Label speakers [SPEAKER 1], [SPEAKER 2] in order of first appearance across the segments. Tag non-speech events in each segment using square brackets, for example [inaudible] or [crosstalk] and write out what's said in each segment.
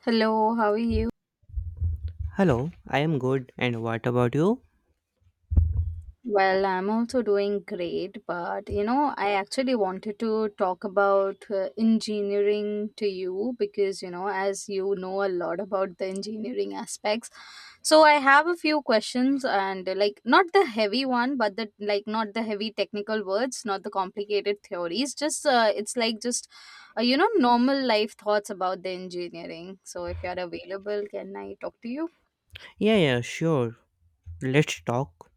[SPEAKER 1] Hello, how are you?
[SPEAKER 2] Hello, I am good. And what about you?
[SPEAKER 1] Well, I'm also doing great, but you know, I actually wanted to talk about engineering to you because you know, as you know a lot about the engineering aspects. So I have a few questions and like not the heavy one, but the like not the heavy technical words, not the complicated theories, just it's like just you know, normal life thoughts about the engineering. So if you're available, can I talk to you?
[SPEAKER 2] Yeah, yeah, sure. Let's talk.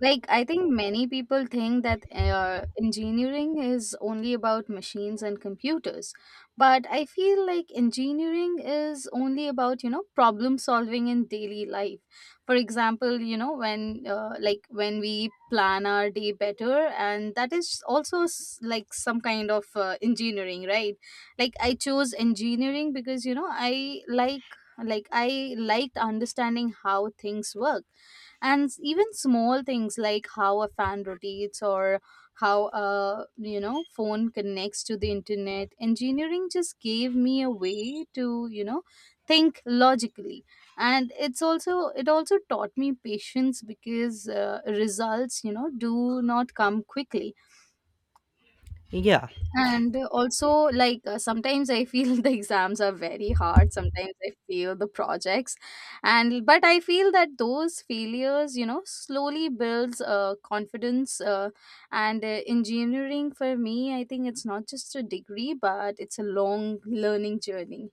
[SPEAKER 1] Like, I think many people think that engineering is only about machines and computers. But I feel like engineering is only about, you know, problem solving in daily life. For example, you know, when like when we plan our day better, and that is also like some kind of engineering, right? Like I chose engineering because, you know, I like I liked understanding how things work, and even small things like how a fan rotates or how a you know phone connects to the internet. Engineering just gave me a way to you know think logically, and it's also it also taught me patience because results you know do not come quickly.
[SPEAKER 2] Yeah,
[SPEAKER 1] And also, like sometimes I feel [laughs] the exams are very hard. Sometimes I feel the projects, and but I feel that those failures, you know, slowly builds confidence. And engineering for me, I think it's not just a degree, but it's a long learning journey.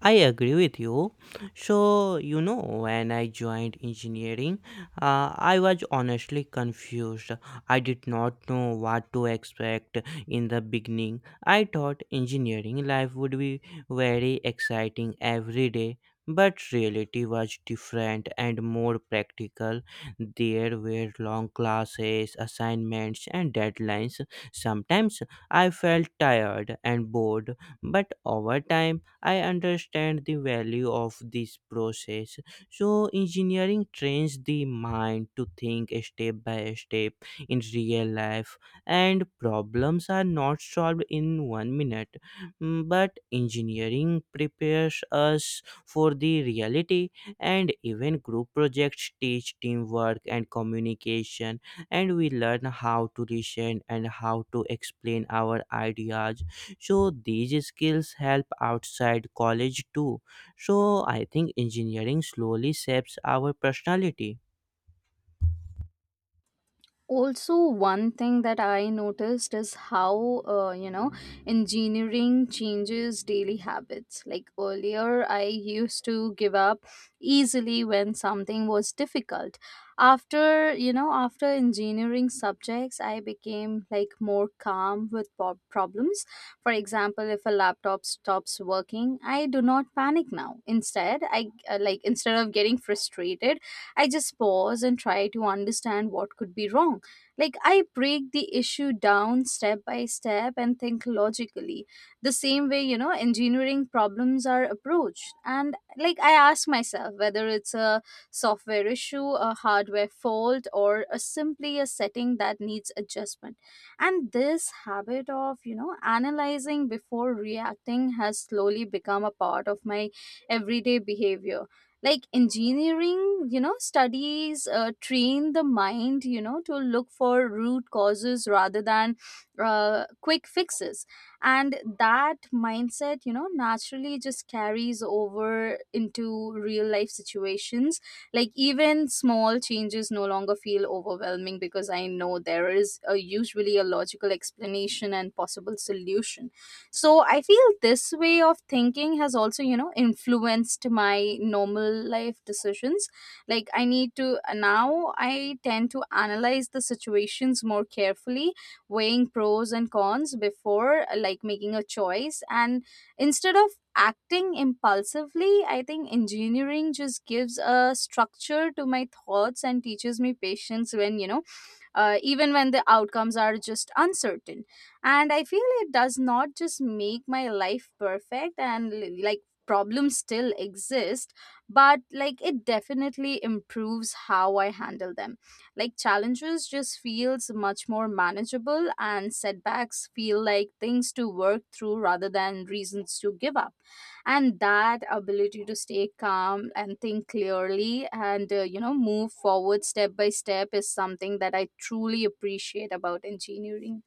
[SPEAKER 2] I agree with you. So, you know, when I joined engineering, I was honestly confused. I did not know what to expect in the beginning. I thought engineering life would be very exciting every day, but reality was different and more practical. There were long classes, assignments, and deadlines. Sometimes I felt tired and bored, but over time, I understand the value of this process. So, engineering trains the mind to think step by step in real life, and problems are not solved in one minute. Mm, But engineering prepares us for the reality, and even group projects teach teamwork and communication, and we learn how to listen and how to explain our ideas, so these skills help outside college too. So I think engineering slowly shapes our personality.
[SPEAKER 1] Also, one thing that I noticed is how you know engineering changes daily habits. Like earlier I used to give up easily when something was difficult. After you know after engineering subjects I became like more calm with problems. For example, if a laptop stops working I do not panic now, instead I like instead of getting frustrated I just pause and try to understand what could be wrong. Like, I break the issue down step by step and think logically, the same way, you know, engineering problems are approached. And, like, I ask myself whether it's a software issue, a hardware fault, or a simply a setting that needs adjustment. And this habit of, you know, analyzing before reacting has slowly become a part of my everyday behavior. Like engineering you know studies train the mind you know to look for root causes rather than quick fixes, and that mindset you know naturally just carries over into real life situations. Like even small changes no longer feel overwhelming because I know there is a, usually a logical explanation and possible solution. So I feel this way of thinking has also you know influenced my normal life decisions. Like I need to now I tend to analyze the situations more carefully, weighing pros and cons before like making a choice, and instead of acting impulsively I think engineering just gives a structure to my thoughts and teaches me patience when you know even when the outcomes are just uncertain. And I feel it does not just make my life perfect and like problems still exist, but like it definitely improves how I handle them. Like challenges just feels much more manageable and setbacks feel like things to work through rather than reasons to give up, and that ability to stay calm and think clearly and you know move forward step by step is something that I truly appreciate about engineering.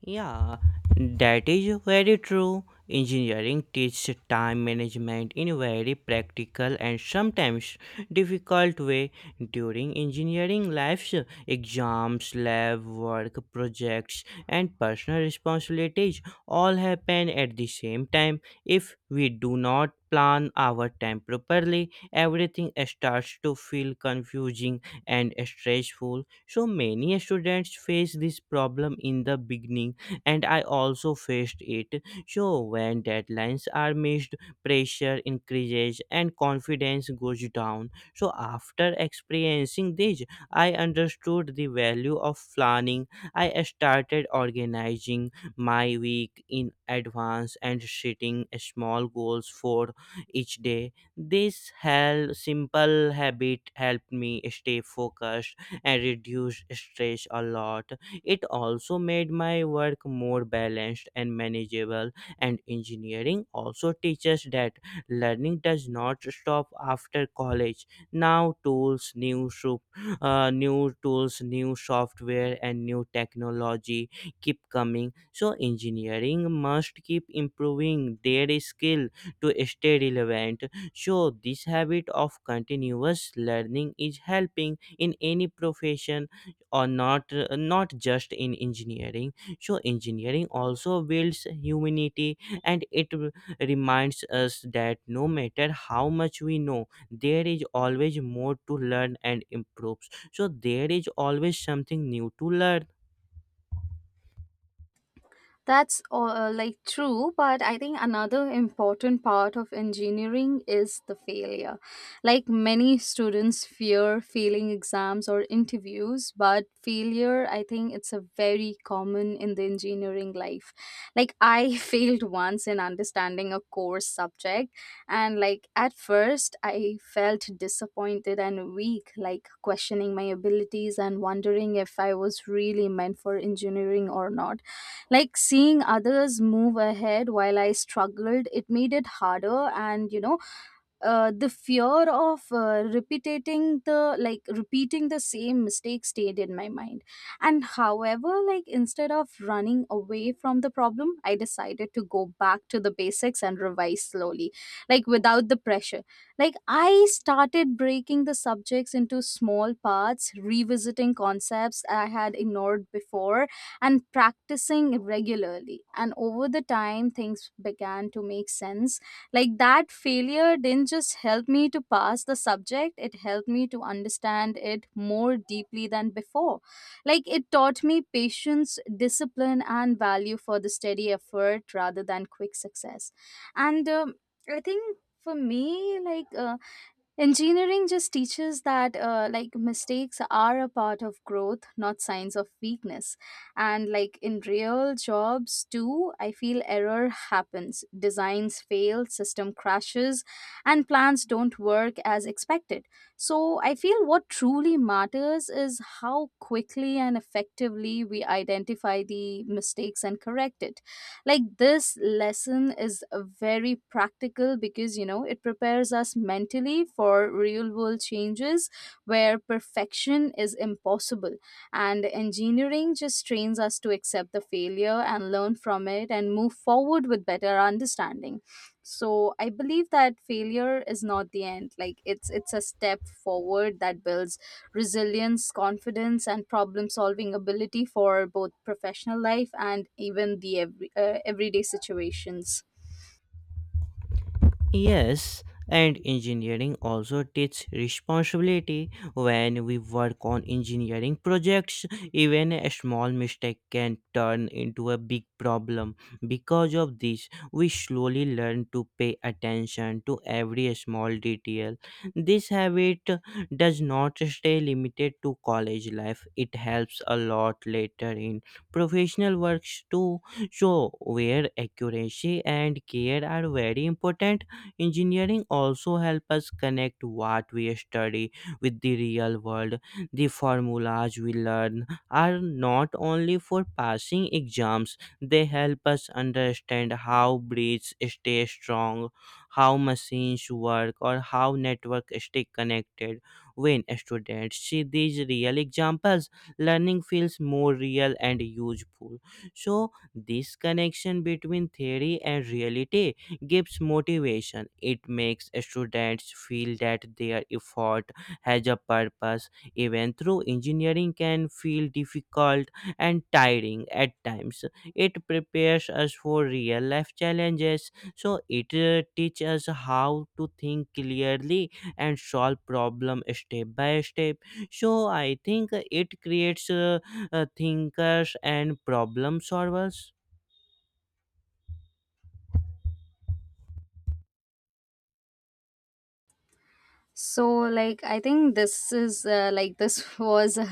[SPEAKER 2] Yeah, that is very true. Engineering teaches time management in a very practical and sometimes difficult way. During engineering lives, exams, lab work, projects, and personal responsibilities all happen at the same time. If we do not plan our time properly, everything starts to feel confusing and stressful. So many students face this problem in the beginning, and I also faced it. So, when deadlines are missed, pressure increases and confidence goes down. So, after experiencing this, I understood the value of planning. I started organizing my week in advance and setting small goals for each day. This simple habit helped me stay focused and reduce stress a lot. It also made my work more balanced and manageable, and engineering also teaches that learning does not stop after college. Now, new tools, new software, and new technology keep coming. So, engineering must keep improving their skill to stay relevant. So, this habit of continuous learning is helping in any profession or not just in engineering. So engineering also builds humanity, and it reminds us that no matter how much we know, there is always more to learn and improve. So there is always something new to learn.
[SPEAKER 1] That's like true, but I think another important part of engineering is the failure. Like many students fear failing exams or interviews, but failure, I think it's a very common in the engineering life. Like I [laughs] failed once in understanding a course subject, and like at first I felt disappointed and weak, like questioning my abilities and wondering if I was really meant for engineering or not. Like seeing others move ahead while I struggled it made it harder, and you know the fear of repeating the same mistake stayed in my mind. And however like instead of running away from the problem I decided to go back to the basics and revise slowly, like without the pressure. Like I started breaking the subjects into small parts, revisiting concepts I had ignored before and practicing regularly, and over the time things began to make sense. Like that failure didn't just help me to pass the subject, it helped me to understand it more deeply than before. Like it taught me patience, discipline, and value for the steady effort rather than quick success. And I think for me, like, engineering just teaches that like mistakes are a part of growth, not signs of weakness. And like in real jobs too, I feel error happens. Designs fail, system crashes, and plans don't work as expected. So I feel what truly matters is how quickly and effectively we identify the mistakes and correct it. Like this lesson is very practical because you know it prepares us mentally for real world changes where perfection is impossible, and engineering just trains us to accept the failure and learn from it and move forward with better understanding. So I believe that failure is not the end, like it's a step forward that builds resilience, confidence, and problem solving ability for both professional life and even the every, everyday situations.
[SPEAKER 2] Yes, and engineering also teaches responsibility. When we work on engineering projects, even a small mistake can turn into a big problem. Because of this, we slowly learn to pay attention to every small detail. This habit does not stay limited to college life, it helps a lot later in professional works too. So, where accuracy and care are very important, engineering also help us connect what we study with the real world. The formulas we learn are not only for passing exams, they help us understand how breeds stay strong, how machines work, or how networks stay connected. When students see these real examples, learning feels more real and useful. So this connection between theory and reality gives motivation. It makes students feel that their effort has a purpose, even though engineering can feel difficult and tiring at times. It prepares us for real life challenges, so it teaches us how to think clearly and solve problem step by step. So I think it creates thinkers and problem solvers.
[SPEAKER 1] So like I think this is like this [laughs] was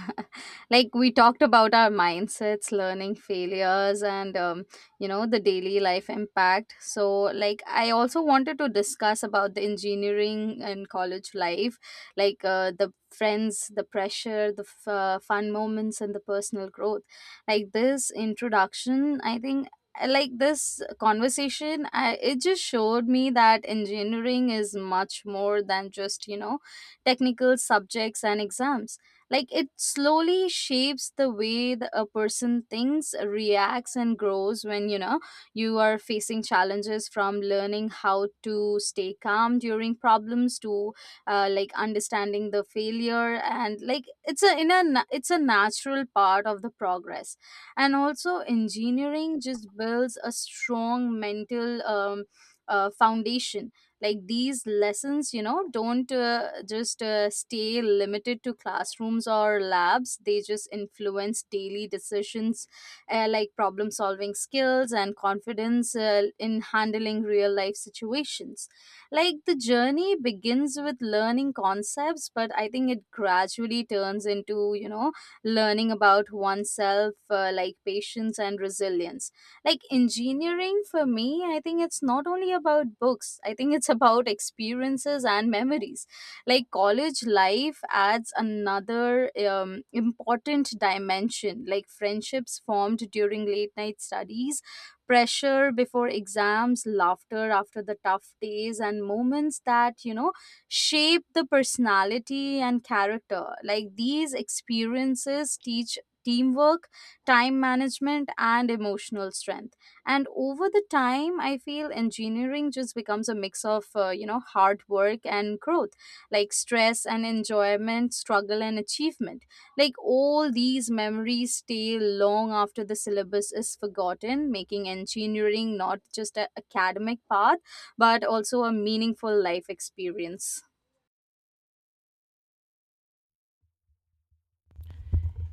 [SPEAKER 1] like we talked about our mindsets, learning, failures, and you know the daily life impact. So like I also wanted to discuss about the engineering and college life, like the friends, the pressure, the fun moments, and the personal growth. Like this introduction I think like this conversation it just showed me that engineering is much more than just you know technical subjects and exams. Like it slowly shapes the way a person thinks, reacts, and grows when you know you are facing challenges, from learning how to stay calm during problems to like understanding the failure and like it's a it's a natural part of the progress. And also engineering just builds a strong mental foundation. Like these lessons you know don't just stay limited to classrooms or labs, they just influence daily decisions, like problem solving skills and confidence in handling real life situations. Like the journey begins with learning concepts but I think it gradually turns into you know learning about oneself, like patience and resilience. Like engineering for me I think it's not only about books, I think it's about experiences and memories. Like college life adds another important dimension, like friendships formed during late night studies, pressure before exams, laughter after the tough days, and moments that you know shape the personality and character. Like these experiences teach teamwork, time management, and emotional strength. And over the time, I feel engineering just becomes a mix of, you know, hard work and growth, like stress and enjoyment, struggle and achievement. Like all these memories stay long after the syllabus is forgotten, making engineering not just an academic path, but also a meaningful life experience.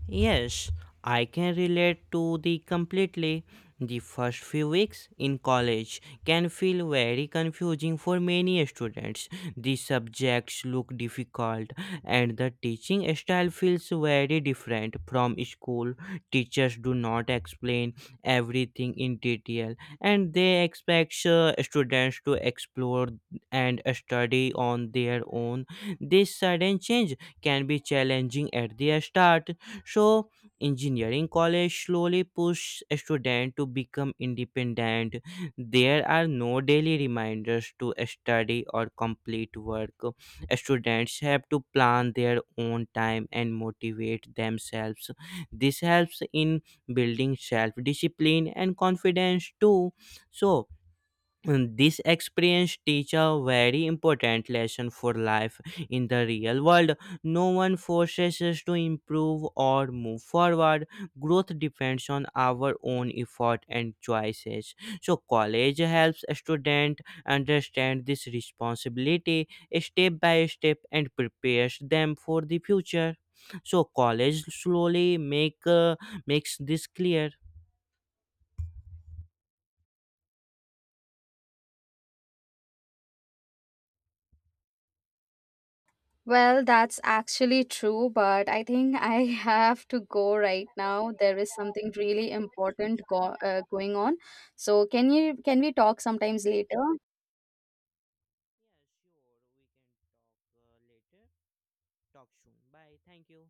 [SPEAKER 2] Yes, I can relate to the completely. The first few weeks in college can feel very confusing for many students. The subjects look difficult and the teaching style feels very different from school. Teachers do not explain everything in detail, and they expect students to explore and study on their own. This sudden change can be challenging at the start. So engineering college slowly push a student to become independent. There are no daily reminders to study or complete work. Students have to plan their own time and motivate themselves. This helps in building self discipline and confidence too. So, and this experience teach a very important lesson for life in the real world. No one forces us to improve or move forward. Growth depends on our own effort and choices. So college helps a student understand this responsibility step by step and prepares them for the future. So college slowly makes this clear. Yeah,
[SPEAKER 1] Well, that's actually true, but I think I [laughs] have to go right now. There is something really important go going on. So can we talk sometimes later?
[SPEAKER 2] sure, we can talk later. Talk soon. Bye. Thank you.